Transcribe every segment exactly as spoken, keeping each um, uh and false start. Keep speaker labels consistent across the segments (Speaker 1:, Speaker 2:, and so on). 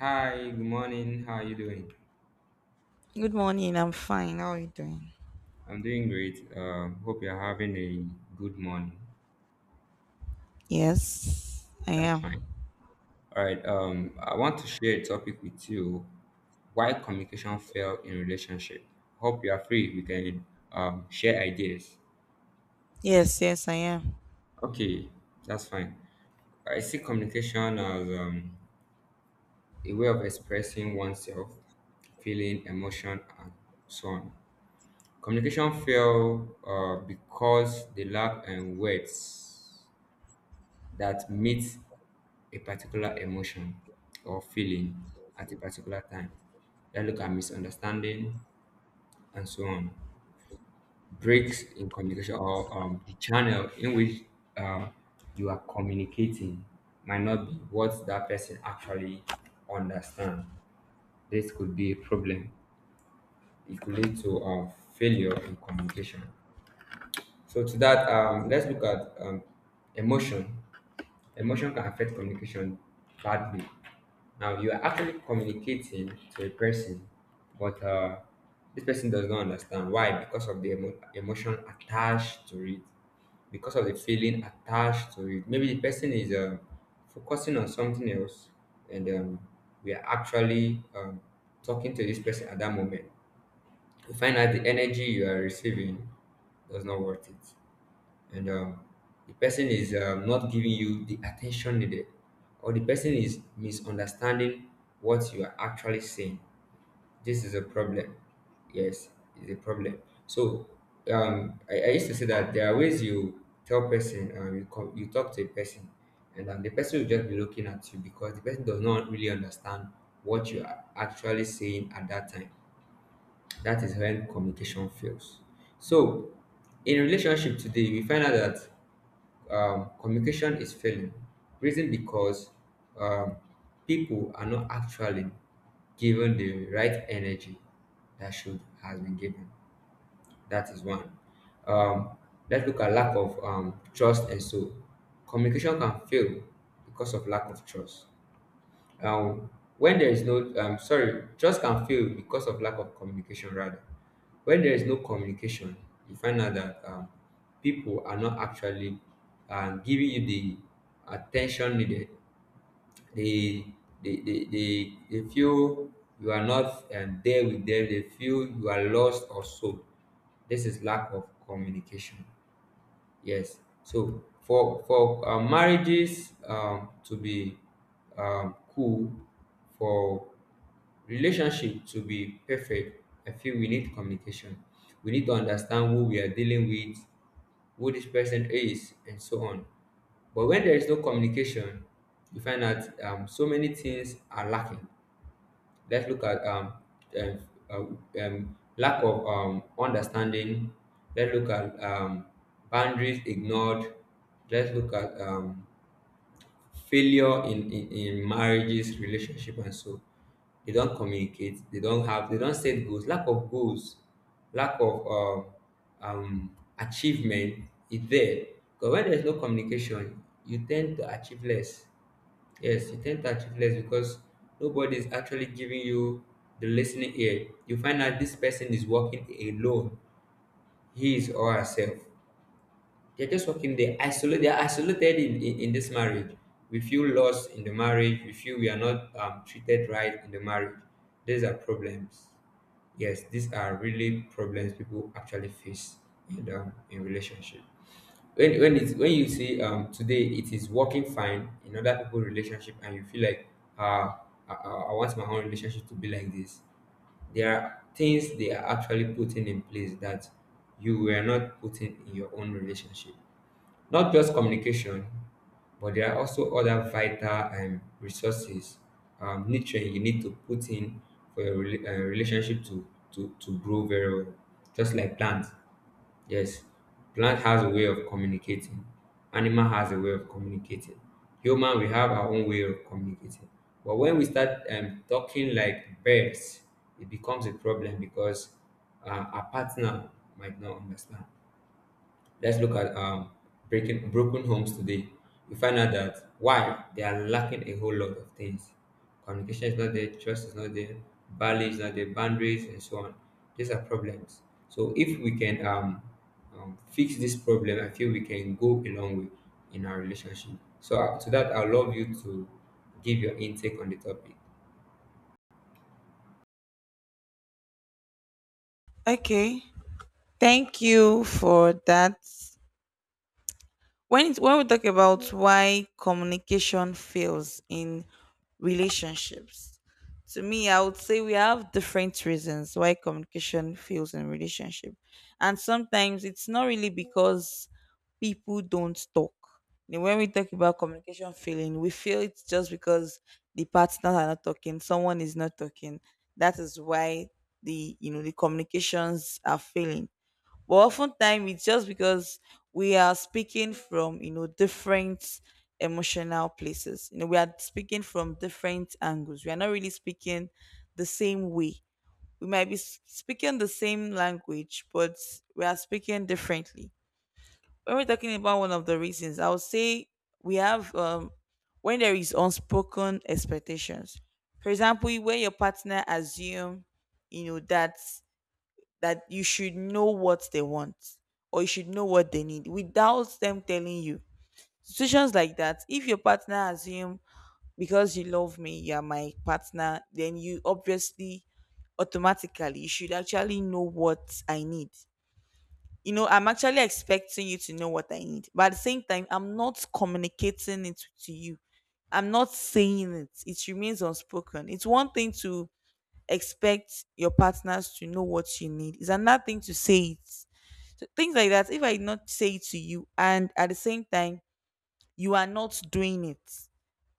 Speaker 1: Hi, good morning. How are you doing?
Speaker 2: Good morning. I'm fine. How are you doing?
Speaker 1: I'm doing great. Um, hope you're having a good morning.
Speaker 2: Yes, I
Speaker 1: That's
Speaker 2: am.
Speaker 1: fine. All right. Um, I want to share a topic with you: why communication fail in relationship. Hope you are free. We can um, share ideas.
Speaker 2: Yes, yes, I am.
Speaker 1: Okay, that's fine. I see communication as um, a way of expressing oneself, feeling, emotion, and so on. Communication fail uh, because they lack in words that meets a particular emotion or feeling at a particular time. That look at misunderstanding and so on. Breaks in communication or um, the channel in which uh, you are communicating might not be what that person actually understand. This could be a problem. It could lead to uh, failure in communication. So to that, um, let's look at um, emotion. Emotion can affect communication badly. Now you are actually communicating to a person, but uh, this person does not understand why because of the emo- emotion attached to it, because of the feeling attached to it. Maybe the person is um focusing on something else, and um, we are actually um, talking to this person at that moment. You find out the energy you are receiving does not worth it and um, the person is um, not giving you the attention needed, or the person is misunderstanding what you are actually saying. This is a problem. Yes, it's a problem. So um, I, I used to say that there are ways you tell person, um, you, co- you talk to a person, and um, the person will just be looking at you because the person does not really understand what you are actually saying at that time. That is when communication fails. So in relationship today, we find out that um, communication is failing. Reason because um, people are not actually given the right energy that should has been given. That is one. Um, let's look at lack of um, trust, and so communication can fail because of lack of trust, um, when there is no um, sorry, trust can fail because of lack of communication rather. When there is no communication, you find out that um, people are not actually um, giving you the attention needed. They they, they, they, they feel you are not um, there with them. They feel you are lost or sold. This is lack of communication. Yes. So for for uh, marriages um, to be um, cool, for relationship to be perfect, I feel we need communication. We need to understand who we are dealing with, who this person is, and so on. But when there is no communication, you find that um, so many things are lacking. Let's look at um, um, uh, um, lack of um, understanding. Let's look at um, boundaries ignored. Let's look at um, failure in, in, in marriages, relationship, and so they don't communicate. They don't have. They don't set goals. Lack of goals. Lack of um, um, achievement is there. Because when there's no communication, you tend to achieve less. Yes, you tend to achieve less because nobody is actually giving you the listening ear. You find out this person is working alone, he is or herself. They're just working, they isolate, they're isolated in, in, in this marriage. We feel lost in the marriage, we feel we are not um, treated right in the marriage. These are problems. Yes, these are really problems people actually face in, um, in relationship. When when it's when you say um today it is working fine in other people's relationship and you feel like uh I, I I want my own relationship to be like this. There are things they are actually putting in place that you were not putting in your own relationship. Not just communication, but there are also other vital um, resources, um, nutrient you need to put in for your rela- uh, relationship to, to to grow very well, just like plants. Yes, plant has a way of communicating. Animal has a way of communicating. Human, we have our own way of communicating. But when we start um, talking like birds, it becomes a problem because uh, our partner might not understand. Let's look at um, breaking, broken homes today. You find out that why they are lacking a whole lot of things. Communication is not there, trust is not there, values is not there, boundaries, and so on. These are problems. So if we can um, um, fix this problem, I feel we can go a long way in our relationship. So uh, to that, I would love you to give your intake on the topic.
Speaker 2: Okay. Thank you for that. When it, when we talk about why communication fails in relationships, to me, I would say we have different reasons why communication fails in relationship, and sometimes it's not really because people don't talk. You know, When we talk about communication failing, we feel it's just because the partners are not talking, someone is not talking. That is why the you know the communications are failing, but oftentimes it's just because we are speaking from you know different emotional places. You know we are speaking from different angles. We are not really speaking the same way. We might be s- speaking the same language, but we are speaking differently. When we're talking about one of the reasons, I would say we have um when there is unspoken expectations, for example, when your partner assume you know that that you should know what they want, or you should know what they need without them telling you. Situations like that, if your partner assume because you love me, you are my partner, then you obviously automatically you should actually know what I need. You know, I'm actually expecting you to know what I need, but at the same time, I'm not communicating it to you. I'm not saying it. It remains unspoken. It's one thing to expect your partners to know what you need. It's another thing to say it. So things like that. If I did not say it to you, and at the same time you are not doing it,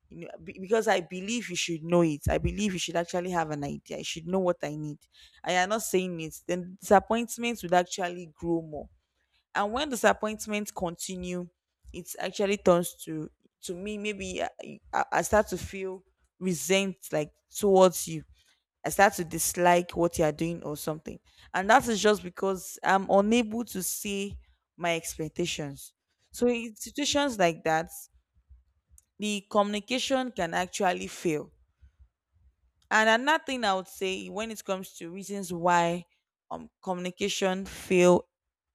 Speaker 2: you know, be- because I believe you should know it. I believe you should actually have an idea. I should know what I need. I am not saying it. Then disappointments would actually grow more. And when disappointments continue, it actually turns to to me. Maybe I, I I start to feel resent, like, towards you. I start to dislike what you are doing or something. And that is just because I'm unable to see my expectations. So in situations like that, the communication can actually fail. And another thing I would say when it comes to reasons why um communication fail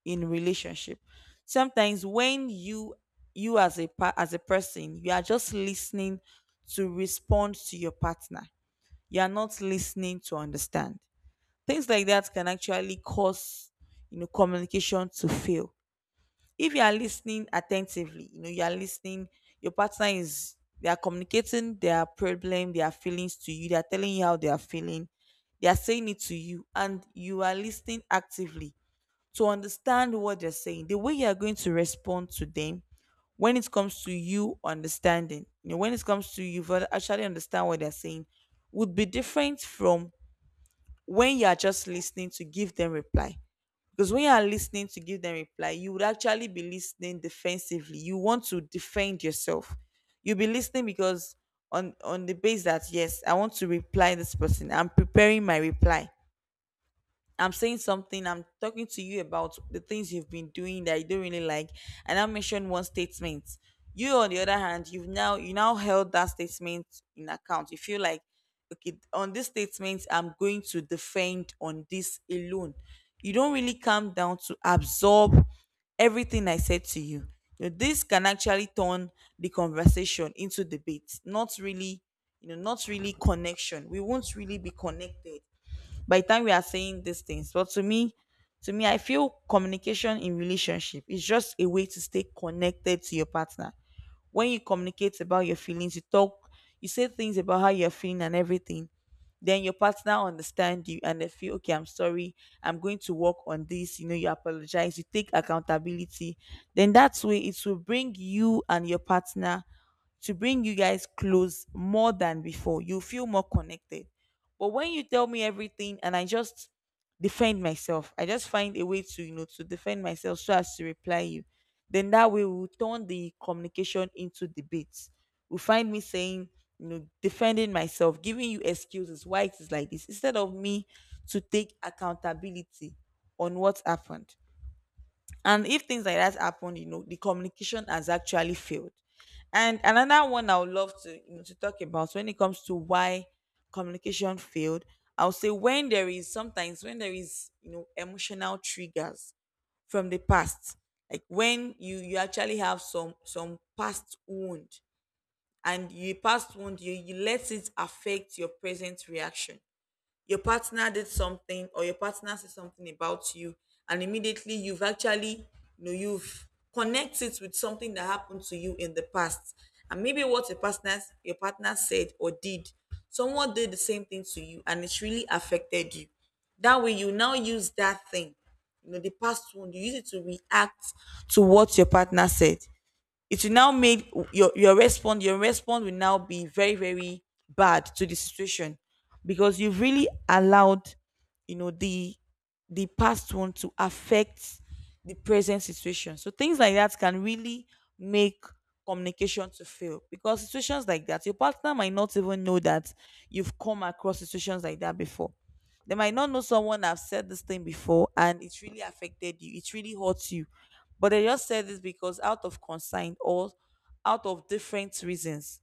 Speaker 2: in relationship. Sometimes when you you as a pa- as a person, you are just listening to respond to your partner. You are not listening to understand. Things like that can actually cause, you know, communication to fail. If you are listening attentively, you know, you are listening, your partner is they are communicating their problem, their feelings to you, they are telling you how they are feeling, they are saying it to you, and you are listening actively to understand what they're saying. The way you are going to respond to them when it comes to you understanding, you know, when it comes to you for actually understand what they're saying, would be different from when you are just listening to give them reply. Because when you are listening to give them reply, you would actually be listening defensively. You want to defend yourself. You'll be listening because on on the base that yes, I want to reply this person. I'm preparing my reply. I'm saying something, I'm talking to you about the things you've been doing that you don't really like, and I mentioned one statement. You, on the other hand, you've now you now held that statement in account. You feel like, okay, on this statement, I'm going to defend on this alone. You don't really come down to absorb everything I said to you. You know, this can actually turn the conversation into debate, not really, you know, not really connection. We won't really be connected by the time we are saying these things. But to me, to me, I feel communication in relationship is just a way to stay connected to your partner. When you communicate about your feelings, you talk, you say things about how you're feeling and everything, then your partner understand you and they feel, okay, I'm sorry, I'm going to work on this. You know, you apologize, you take accountability. Then that's way it will bring you and your partner to bring you guys close more than before. You feel more connected. But when you tell me everything and I just defend myself, I just find a way to, you know, to defend myself so as to reply you, then that way we'll turn the communication into debates. We'll find me saying, you know, defending myself, giving you excuses why it is like this, instead of me to take accountability on what happened. And if things like that happen, you know, the communication has actually failed. And another one I would love to you know to talk about when it comes to why communication failed, I'll say when there is sometimes when there is you know emotional triggers from the past, like when you you actually have some some past wound. And you past wound you, you let it affect your present reaction. Your partner did something or your partner said something about you, and immediately you've actually you know you've connected with something that happened to you in the past. And maybe what your partner your partner said or did, someone did the same thing to you and it's really affected you. That way you now use that thing, you know the past one, you use it to react to what your partner said. It will now make your your response your response will now be very, very bad to the situation, because you've really allowed, you know the the past one to affect the present situation. So things like that can really make communication to fail, because situations like that, your partner might not even know that you've come across situations like that before. They might not know someone have said this thing before and it really affected you, it really hurts you. But they just said this because out of concern or out of different reasons,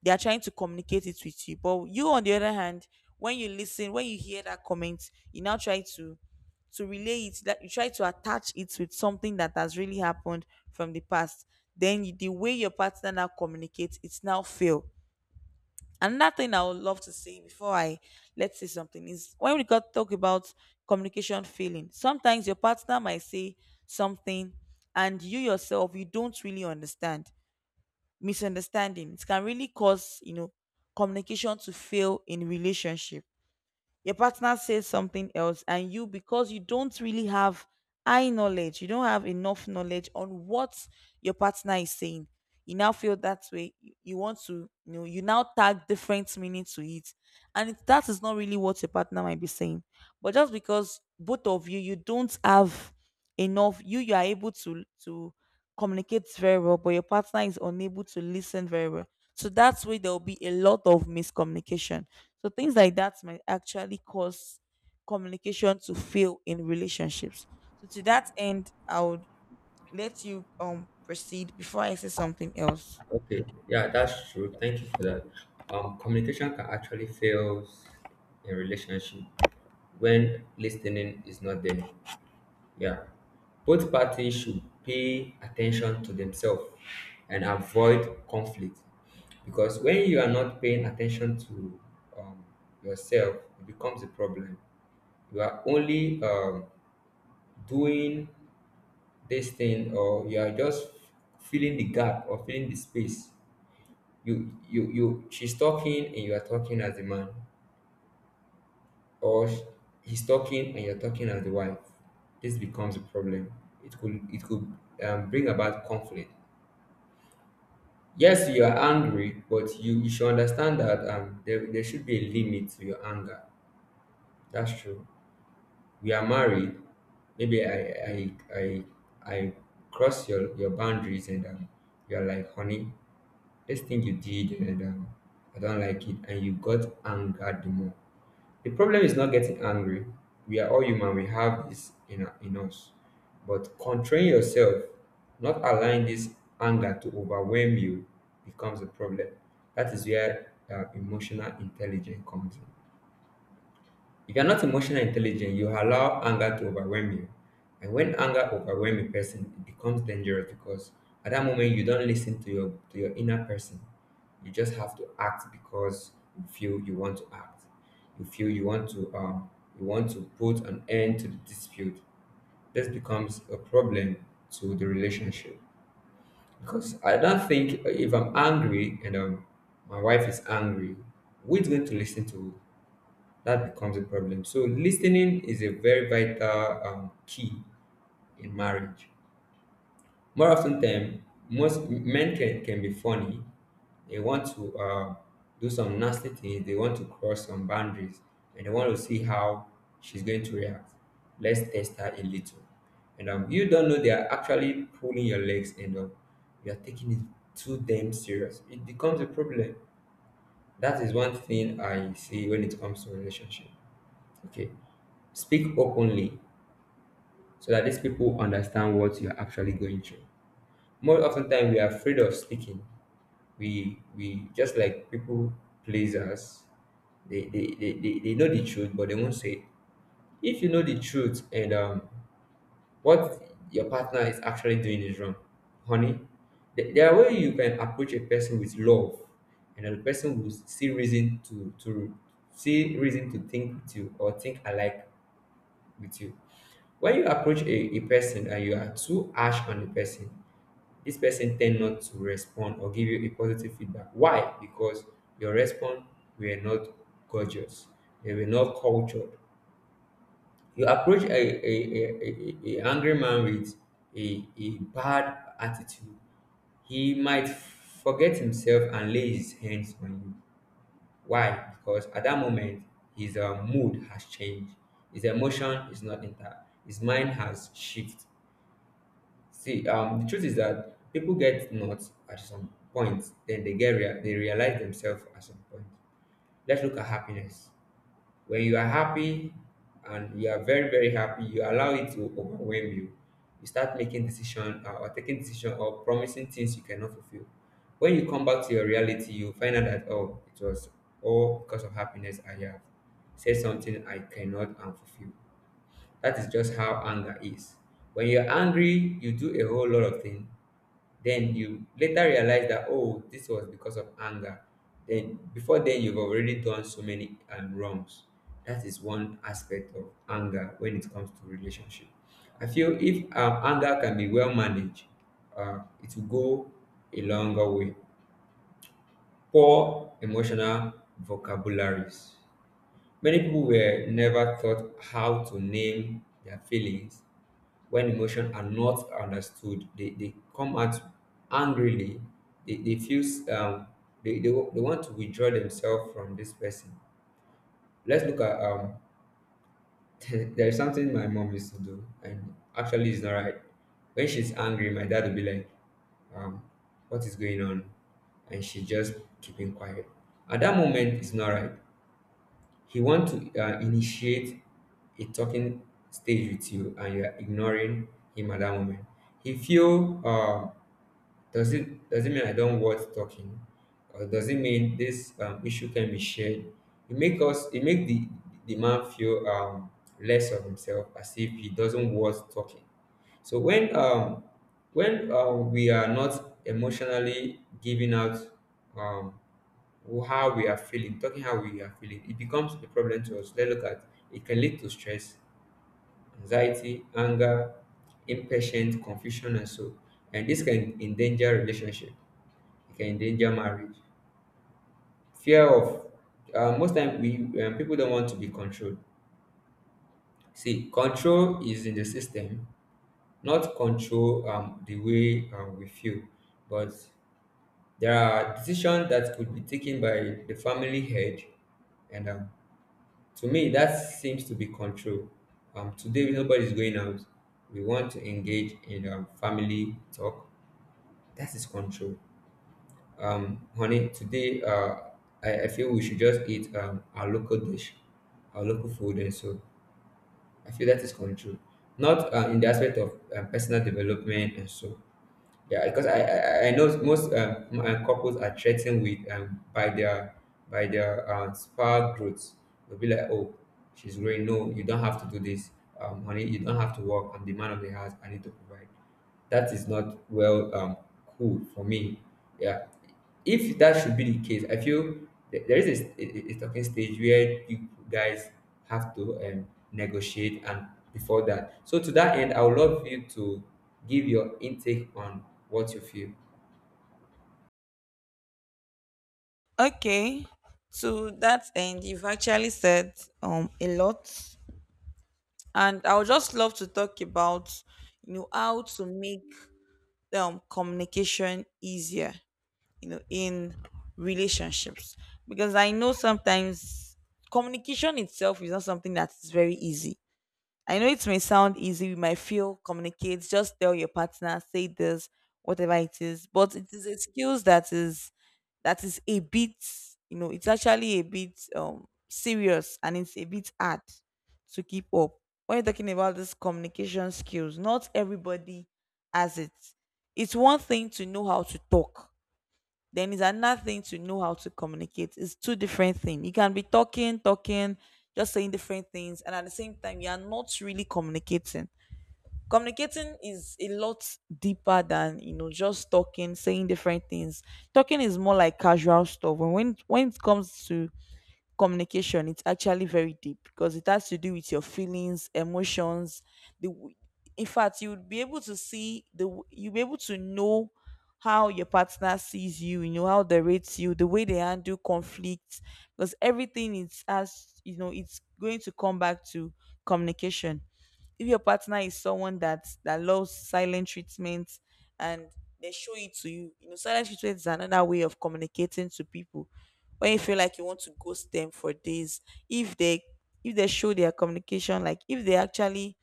Speaker 2: they are trying to communicate it with you. But you, on the other hand, when you listen, when you hear that comment, you now try to to relay it, that you try to attach it with something that has really happened from the past. Then you- the way your partner now communicates, it's now fail. Another thing I would love to say before I let's say something, is when we got talk about communication failing, sometimes your partner might say something, and you yourself you don't really understand. Misunderstanding. It can really cause, you know, communication to fail in relationship. Your partner says something else, and you, because you don't really have eye knowledge, you don't have enough knowledge on what your partner is saying, you now feel that way, you you want to you know you now tag different meaning to it. And it, that is not really what your partner might be saying, but just because both of you, you don't have enough, you you are able to to communicate very well, but your partner is unable to listen very well. So that's where there will be a lot of miscommunication. So things like that might actually cause communication to fail in relationships. So to that end, I would let you um proceed before I say something else.
Speaker 1: Okay, yeah, that's true. Thank you for that. Um, communication can actually fail in relationship when listening is not there. Yeah, both parties should pay attention to themselves and avoid conflict, because when you are not paying attention to um, yourself, it becomes a problem. You are only um, doing this thing, or you are just filling the gap or filling the space. You you you she's talking and you are talking as the man, or sh- he's talking and you're talking as the wife. This becomes a problem. It could it could um, bring about conflict. Yes, you are angry, but you, you should understand that um, there, there should be a limit to your anger. That's true. We are married. Maybe i i i, I cross your, your boundaries, and um, you're like, honey, this thing you did, and um, I don't like it, and you got angered the more. The problem is not getting angry. We are all human, we have this in, in us. But controlling yourself, not allowing this anger to overwhelm you, becomes a problem. That is where uh, emotional intelligence comes in. If you're not emotionally intelligent, you allow anger to overwhelm you. And when anger overwhelms a person, it becomes dangerous because at that moment you don't listen to your to your inner person. You just have to act because you feel you want to act. You feel you want to um you want to put an end to the dispute. This becomes a problem to the relationship because I don't think if I'm angry and um my wife is angry, who is going to listen to? That becomes a problem. So listening is a very vital um, key in marriage. More often than most men can, can be funny. They want to uh, do some nasty things. They want to cross some boundaries, and they want to see how she's going to react. Let's test her a little. And um, you don't know they are actually pulling your legs, and um, you are taking it too damn serious. It becomes a problem. That is one thing I see when it comes to relationship. Okay, speak openly so that these people understand what you're actually going through. More often time we are afraid of speaking. We we just like people please us. They they, they, they, they know the truth but they won't say it. If you know the truth and um what your partner is actually doing is wrong, honey, th- there are way you can approach a person with love, and the person will see reason to to see reason to think with you or think alike with you. When you approach a, a person and you are too harsh on the person, this person tend not to respond or give you a positive feedback. Why? Because your response were not gorgeous. They were not cultured. You approach a, a, a, a, a angry man with a, a bad attitude, he might forget himself and lay his hands on you. Why? Because at that moment, his uh, mood has changed. His emotion is not intact. His mind has shifted. See, um, the truth is that people get nuts at some point, then they get rea- they realize themselves at some point. Let's look at happiness. When you are happy and you are very very happy, you allow it to overwhelm you. You start making decision uh, or taking decision or promising things you cannot fulfill. When you come back to your reality, you find out that, oh, it was all because of happiness I have said something I cannot and fulfill. That is just how anger is. When you're angry, you do a whole lot of things then you later realize that, oh, this was because of anger. Then before then, you've already done so many um, wrongs. That is one aspect of anger when it comes to relationship. I feel if um, anger can be well managed, uh, it will go a longer way. Poor emotional vocabularies. Many people were never taught how to name their feelings. When emotions are not understood, they, they come out angrily. they, they feel s- um they, they, wa- they want to withdraw themselves from this person. Let's look at um there is something my mom used to do, and actually it's not right. When she's angry, my dad will be like, um what is going on? And she just keeping quiet. At that moment, it's not right. He want to uh, initiate a talking stage with you, and you are ignoring him at that moment. He feel uh, does it does it mean I don't worth talking, or does it mean this um, issue can be shared? It make us it make the the man feel um, less of himself, as if he doesn't worth talking. So when um, when uh, we are not emotionally giving out um, how we are feeling, talking how we are feeling, it becomes a problem to us. Let's look at it can lead to stress, anxiety, anger, impatience, confusion, and so. And this can endanger relationship. It can endanger marriage. Fear of uh, most time we um, people don't want to be controlled. See, control is in the system, not control um, the way um, we feel. But there are decisions that could be taken by the family head, and um, to me, that seems to be control. Um, today nobody's going out. We want to engage in um, family talk. That is control. Um, honey, today uh, I, I feel we should just eat um, our local dish, our local food, and so I feel that is control. Not uh, in the aspect of uh, personal development and so. Yeah, because I I, I know most um, m- uh, couples are threatened with um by their by their um spa growth. They'll be like, oh, she's growing. No, you don't have to do this. Um, honey, you don't have to work. I'm the man of the house. I need to provide. That is not well um cool for me. Yeah, if that should be the case, I feel th- there is a, st- a a talking stage where you guys have to um negotiate. And before that, so to that end, I would love you to give your intake on what you feel.
Speaker 2: Okay. To that end, you've actually said um a lot, and I would just love to talk about, you know how to make um communication easier, you know, in relationships, because I know sometimes communication itself is not something that is very easy. I know it may sound easy, we might feel communicate, just tell your partner, say this, whatever it is. But it is a skills that is that is a bit, you know, it's actually a bit um serious, and it's a bit hard to keep up. When you're talking about this communication skills, not everybody has it. It's one thing to know how to talk, then it's another thing to know how to communicate. It's two different things. You can be talking, talking, just saying different things, and at the same time, you are not really communicating. Communicating is a lot deeper than, you know, just talking, saying different things. Talking is more like casual stuff. When when when it comes to communication, it's actually very deep because it has to do with your feelings, emotions, the w- in fact you would be able to see the w- you'll be able to know how your partner sees you, you know, how they rate you, the way they handle conflict, because everything is, as you know, it's going to come back to communication. If your partner is someone that that loves silent treatment and they show it to you, you know, silent treatment is another way of communicating to people when you feel like you want to ghost them for days. If they, if they show their communication, like if they actually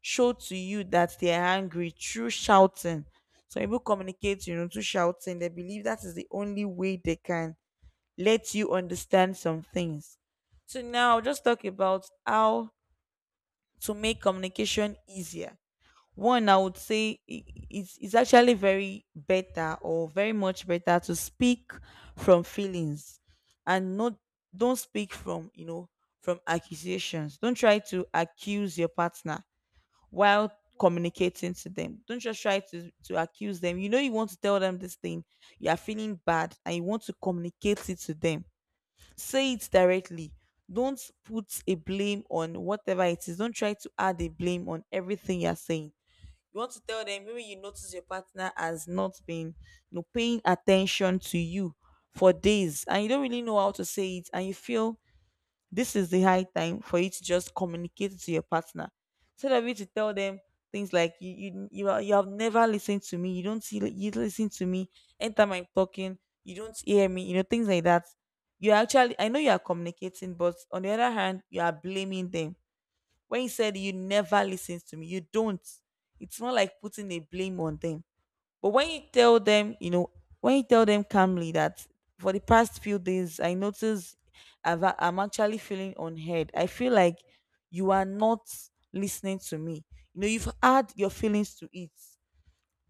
Speaker 2: show to you that they're angry through shouting. Some people communicate, you know, through shouting. They believe that is the only way they can let you understand some things. So now I'll just talk about how to make communication easier. One, I would say, i- it's, it's actually very better or very much better to speak from feelings and not, don't speak from, you know, from accusations. Don't try to accuse your partner while communicating to them. Don't just try to, to accuse them. You know, you want to tell them this thing, you are feeling bad and you want to communicate it to them. Say it directly, don't put a blame on whatever it is. Don't try to add a blame on everything you're saying. You want to tell them, maybe you notice your partner has not been, you know, paying attention to you for days, and you don't really know how to say it and you feel this is the high time for you to just communicate to your partner. Instead of you to tell them things like you you you, are, you have never listened to me, you don't see, you don't listen to me anytime I'm talking, you don't hear me, you know, things like that. You actually, I know you are communicating, but on the other hand you are blaming them. When you said, you never listen to me, you don't. It's not like putting a blame on them. But when you tell them, you know, when you tell them calmly that, for the past few days, I notice I've, a- I'm actually feeling unheard. I feel like you are not listening to me. You know, you've had your feelings to it.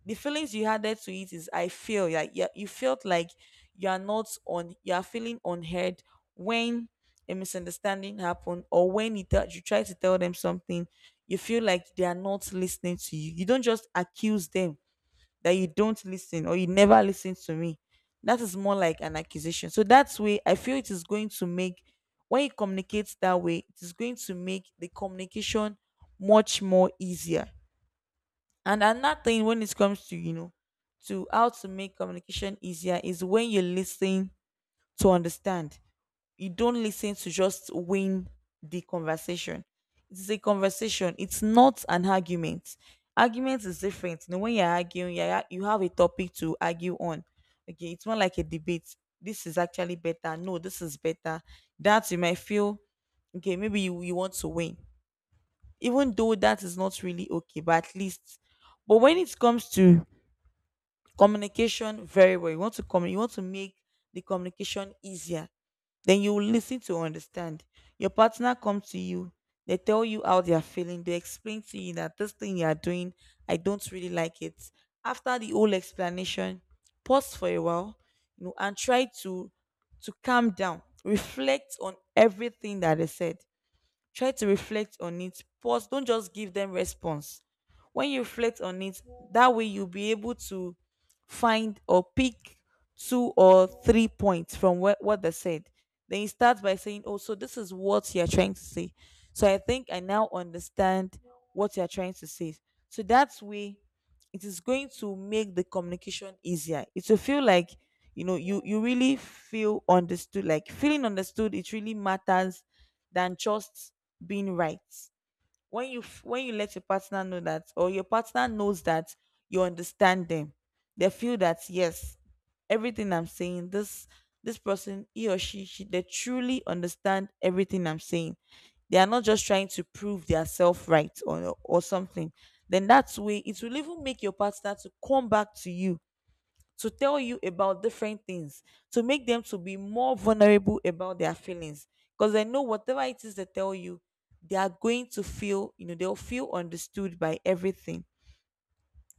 Speaker 2: The feelings you added to it is, I feel like, yeah, you felt like you are not on, you are feeling unheard when a misunderstanding happened, or when it, tell- you try to tell them something, you feel like they are not listening to you. You don't just accuse them that you don't listen or you never listen to me. That is more like an accusation. So that's way I feel it is going to make, when you communicate that way, it is going to make the communication much more easier. And another thing when it comes to, you know, to how to make communication easier is when you listen to understand. You don't listen to just win the conversation. It's a conversation. It's not an argument. Argument is different. You know, when you're arguing, you you have a topic to argue on. Okay, it's not like a debate. This is actually better. No, this is better. That you might feel okay. Maybe you, you want to win, even though that is not really okay, but at least, but when it comes to communication very well, you want to communicate, you want to make the communication easier, then you will listen to understand. Your partner comes to you, they tell you how they are feeling, they explain to you that this thing you are doing, I don't really like it. After the whole explanation, pause for a while, you know, and try to to calm down, reflect on everything that they said. Try to reflect on it. Pause. Don't just give them response. When you reflect on it, that way you'll be able to find or pick two or three points from what, what they said. Then you start by saying, oh, so this is what you're trying to say. So I think I now understand what you're trying to say. So that's way it is going to make the communication easier. It will feel like, you know, you you really feel understood. Like feeling understood, it really matters than just being right. When you f- when you let your partner know that, or your partner knows that you understand them, they feel that, yes, everything I'm saying, this this person, he or she, she they truly understand everything I'm saying. They are not just trying to prove their self right, or or something. Then that's way it will even make your partner to come back to you to tell you about different things, to make them to be more vulnerable about their feelings, because they know whatever it is they tell you, they are going to feel, you know, they'll feel understood by everything.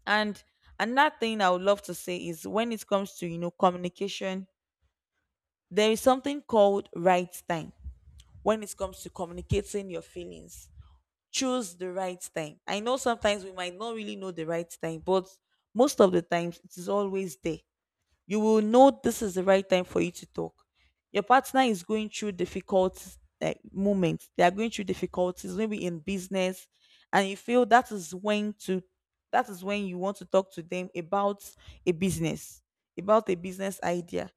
Speaker 2: And another thing I would love to say is, when it comes to, you know, communication, there is something called right time. When it comes to communicating your feelings, choose the right time. I know sometimes we might not really know the right time, but most of the times it is always there. You will know this is the right time for you to talk. Your partner is going through difficult like moments. They are going through difficulties, maybe in business, and you feel that is when to, that is when you want to talk to them about a business, about a business idea.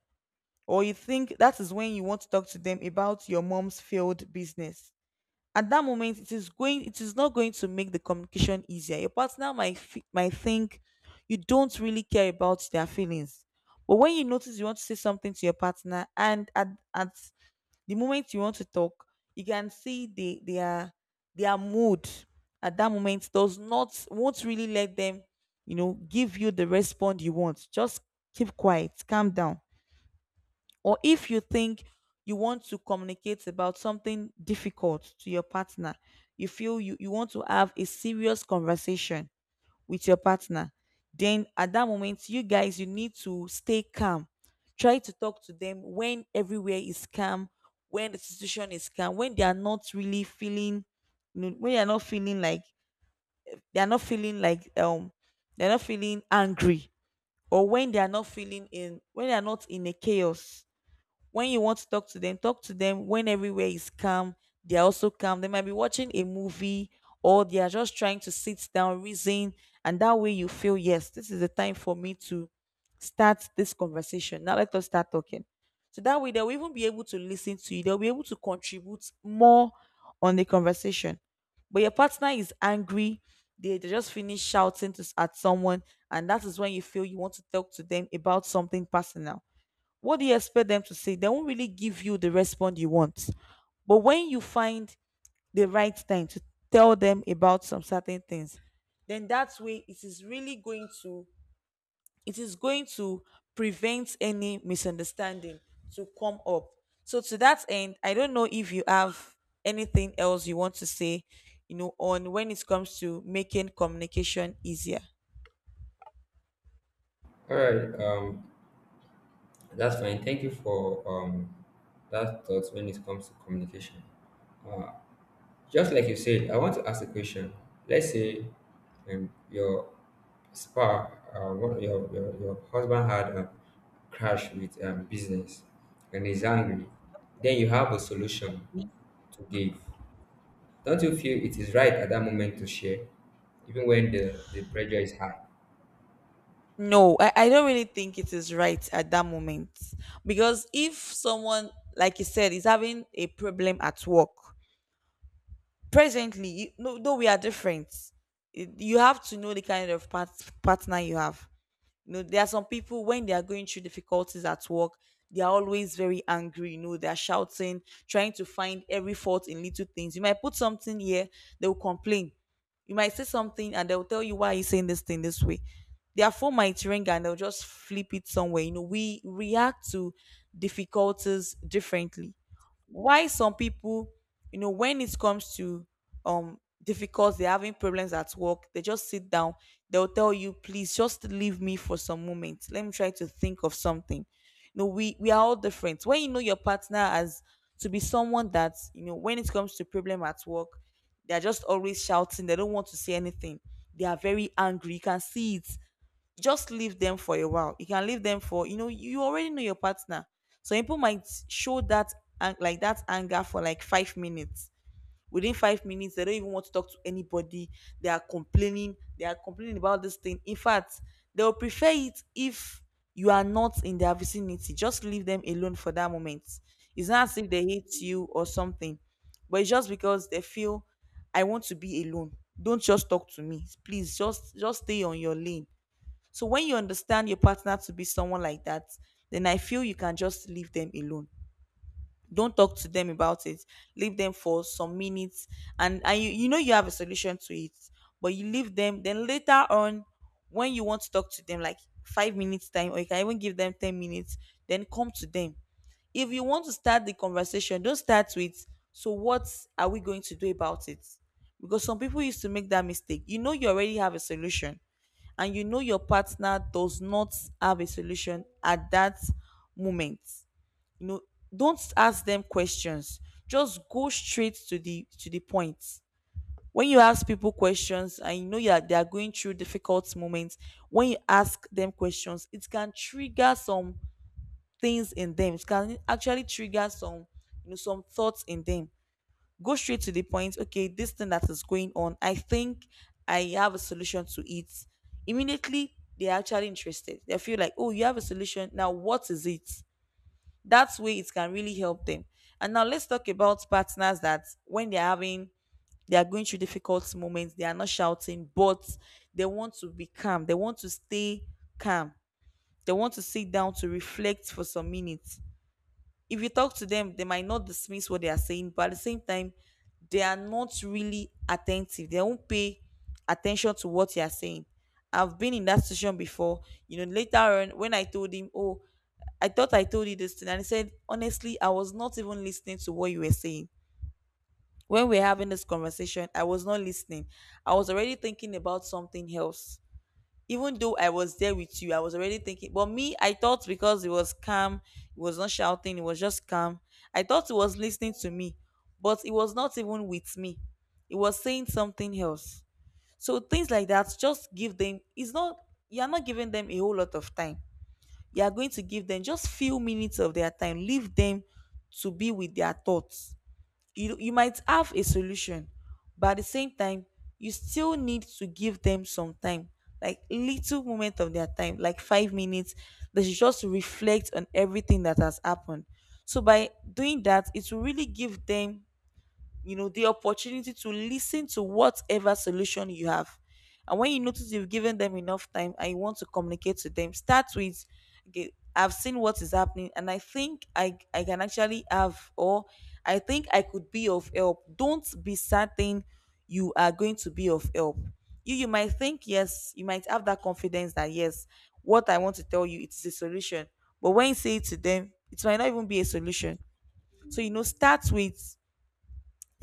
Speaker 2: Or you think that is when you want to talk to them about your mom's failed business. At that moment it is going, it is not going to make the communication easier. Your partner might fe- might think you don't really care about their feelings. But when you notice you want to say something to your partner and at, at the moment you want to talk, you can see they their their mood at that moment does not, won't really let them, you know, give you the response you want. Just keep quiet, calm down. Or if you think you want to communicate about something difficult to your partner, you feel you, you want to have a serious conversation with your partner, then at that moment, you guys, you need to stay calm. Try to talk to them when everywhere is calm, when the situation is calm, when they are not really feeling, you know, when they are not feeling like, they are not feeling like, um, they're not feeling angry, or when they are not feeling in, when they are not in a chaos. When you want to talk to them, talk to them when everywhere is calm. They're also calm. They might be watching a movie, or they are just trying to sit down, reason, and that way you feel, yes, this is the time for me to start this conversation. Now let us start talking. So that way they'll even be able to listen to you. They'll be able to contribute more on the conversation. But your partner is angry. They, they just finished shouting to, s- at someone, and that is when you feel you want to talk to them about something personal. What do you expect them to say? They won't really give you the response you want. But when you find the right time to tell them about some certain things, then that way it is really going to, it is going to prevent any misunderstanding to come up. So to that end, I don't know if you have anything else you want to say, you know, on when it comes to making communication easier.
Speaker 1: All right. Um that's fine, thank you for um that thought when it comes to communication. uh, Just like you said, I want to ask a question. Let's say um, your spa, uh, one, your, your, your husband had a crash with um, business and is angry. Then you have a solution to give. Don't you feel it is right at that moment to share, even when the, the pressure is high?
Speaker 2: No, I, I don't really think it is right at that moment. Because if someone, like you said, is having a problem at work presently, you, no, though we are different, it- you have to know the kind of part, partner you have. You know, there are some people when they are going through difficulties at work, they are always very angry. You know, they are shouting, trying to find every fault in little things. You might put something here, they will complain. You might say something and they'll tell you why you're saying this thing this way. Their phone might ring and they'll just flip it somewhere. You know, we react to difficulties differently. Why some people, you know, when it comes to, um difficult, they're having problems at work, they just sit down, they'll tell you, please just leave me for some moments, let me try to think of something. You know, we we are all different. When you know your partner as to be someone that, you know, when it comes to problem at work, they're just always shouting, they don't want to say anything, they are very angry, you can see it, just leave them for a while. You can leave them for, you know, you already know your partner. So people might show that an- like that anger for like five minutes. Within five minutes, they don't even want to talk to anybody. They are complaining. They are complaining about this thing. In fact, they will prefer it if you are not in their vicinity. Just leave them alone for that moment. It's not as if they hate you or something, but it's just because they feel, I want to be alone. Don't just talk to me. Please just just stay on your lane. So when you understand your partner to be someone like that, then I feel you can just leave them alone. Don't talk to them about it. Leave them for some minutes, and and you, you know you have a solution to it, but you leave them. Then later on, when you want to talk to them, like five minutes time, or you can even give them ten minutes, then come to them. If you want to start the conversation, don't start with, so what are we going to do about it? Because some people used to make that mistake. You know, you already have a solution, and you know your partner does not have a solution at that moment you know don't ask them questions. Just go straight to the to the point. When you ask people questions, and you know, you are, they are going through difficult moments. When you ask them questions, it can trigger some things in them. It can actually trigger some you know some thoughts in them. Go straight to the point. Okay, this thing that is going on, I think I have a solution to it. Immediately, they're actually interested. They feel like, oh, you have a solution, now what is it? That way it can really help them. And now let's talk about partners that, when they're having they are going through difficult moments, they are not shouting, but they want to be calm. They want to stay calm. They want to sit down to reflect for some minutes. If you talk to them, they might not dismiss what they are saying, but at the same time, they are not really attentive. They won't pay attention to what you are saying. I've been in that situation before. You know, later on when I told him, oh, I thought I told you this thing, and he said, honestly, I was not even listening to what you were saying. When we were having this conversation, I was not listening. I was already thinking about something else. Even though I was there with you, I was already thinking. But me, I thought because it was calm, it was not shouting, it was just calm. I thought it was listening to me, but it was not even with me. It was saying something else. So things like that, just give them. It's not, you are not giving them a whole lot of time. You are going to give them just few minutes of their time. Leave them to be with their thoughts. You you might have a solution, but at the same time, you still need to give them some time, like little moment of their time, like five minutes. They should just reflect on everything that has happened. So by doing that, it will really give them you know the opportunity to listen to whatever solution you have. And when you notice you've given them enough time and you want to communicate to them, start with, okay, I've seen what is happening, and I think i i can actually have, or I think I could be of help. Don't be certain you are going to be of help. You you might think, yes, you might have that confidence that, yes, what I want to tell you, it's a solution, but when you say it to them, it might not even be a solution. So, you know start with,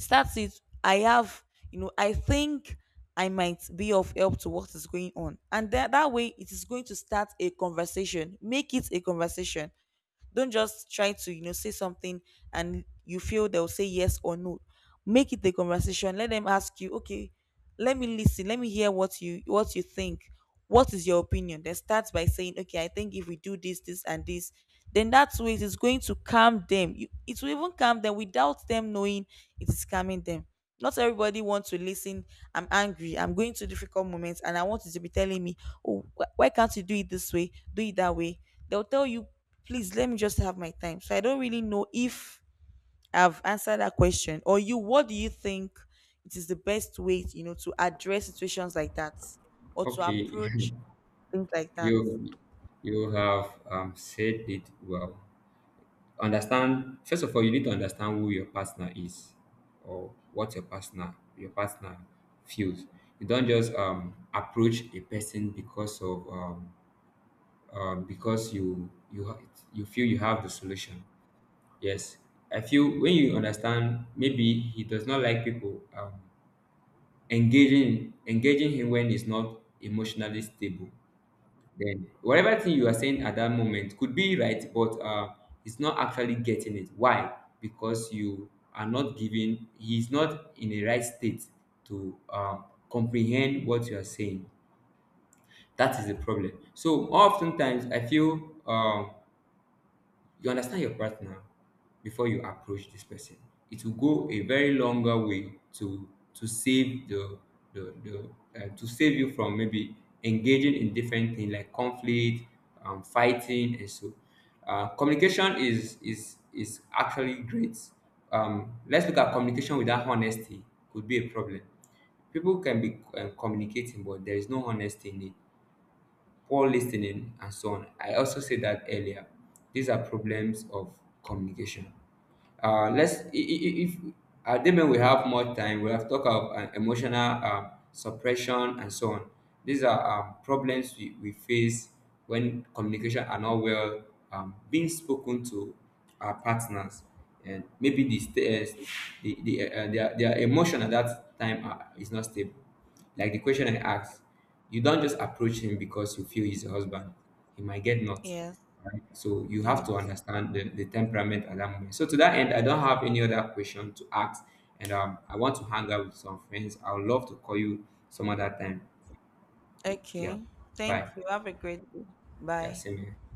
Speaker 2: that's it. I have, you know, I think I might be of help to what is going on. And that, that way, it is going to start a conversation. Make it a conversation. Don't just try to, you know, say something and you feel they'll say yes or no. Make it a conversation. Let them ask you, okay, let me listen. Let me hear what you what you think. What is your opinion? Then start by saying, okay, I think if we do this, this, and this, then that way it is going to calm them. You, it will even calm them without them knowing it is calming them. Not everybody wants to listen. I'm angry, I'm going through difficult moments, and I want you to be telling me, oh, wh- why can't you do it this way? Do it that way. They'll tell you, please let me just have my time. So I don't really know if I've answered that question or you. What do you think it is the best way, you know, to address situations like that, or to
Speaker 1: Okay.
Speaker 2: approach things like that?
Speaker 1: you you have um, said it well. Understand, first of all, you need to understand who your partner is or what your partner your partner feels. You don't just um, approach a person because of um, um, because you you ha- you feel you have the solution. Yes, I feel when you understand, maybe he does not like people um, engaging engaging him when he's not emotionally stable. Then whatever thing you are saying at that moment could be right, but uh, it's not actually getting it. Why? Because you are not giving. He's not in a right state to um, comprehend what you are saying. That is the problem. So oftentimes, I feel um you understand your partner before you approach this person. It will go a very longer way to to save the the, the uh, to save you from maybe engaging in different things like conflict, um, fighting and so. Uh, communication is is is actually great. Um, let's look at communication without honesty could be a problem. People can be um, communicating, but there is no honesty in it. Poor listening and so on. I also said that earlier. These are problems of communication. Uh, let's I- I- if uh, then when we have more time, we have talk about uh, emotional uh, suppression and so on. These are um, problems we, we face when communication are not well um, being spoken to our partners. And maybe the sta- uh, the, the uh, their, their emotion at that time are, is not stable, like the question I asked. You don't just approach him because you feel he's your husband. He might get not.
Speaker 2: Yes,
Speaker 1: Right? So you have to
Speaker 2: yes.
Speaker 1: understand the, the temperament at that moment. So to that end, I don't have any other question to ask. And um, I want to hang out with some friends. I would love to call you some other time. Yeah.
Speaker 2: Okay. Thank
Speaker 1: Bye.
Speaker 2: you. Have a great day.
Speaker 1: Yeah,
Speaker 2: Bye.
Speaker 1: same here.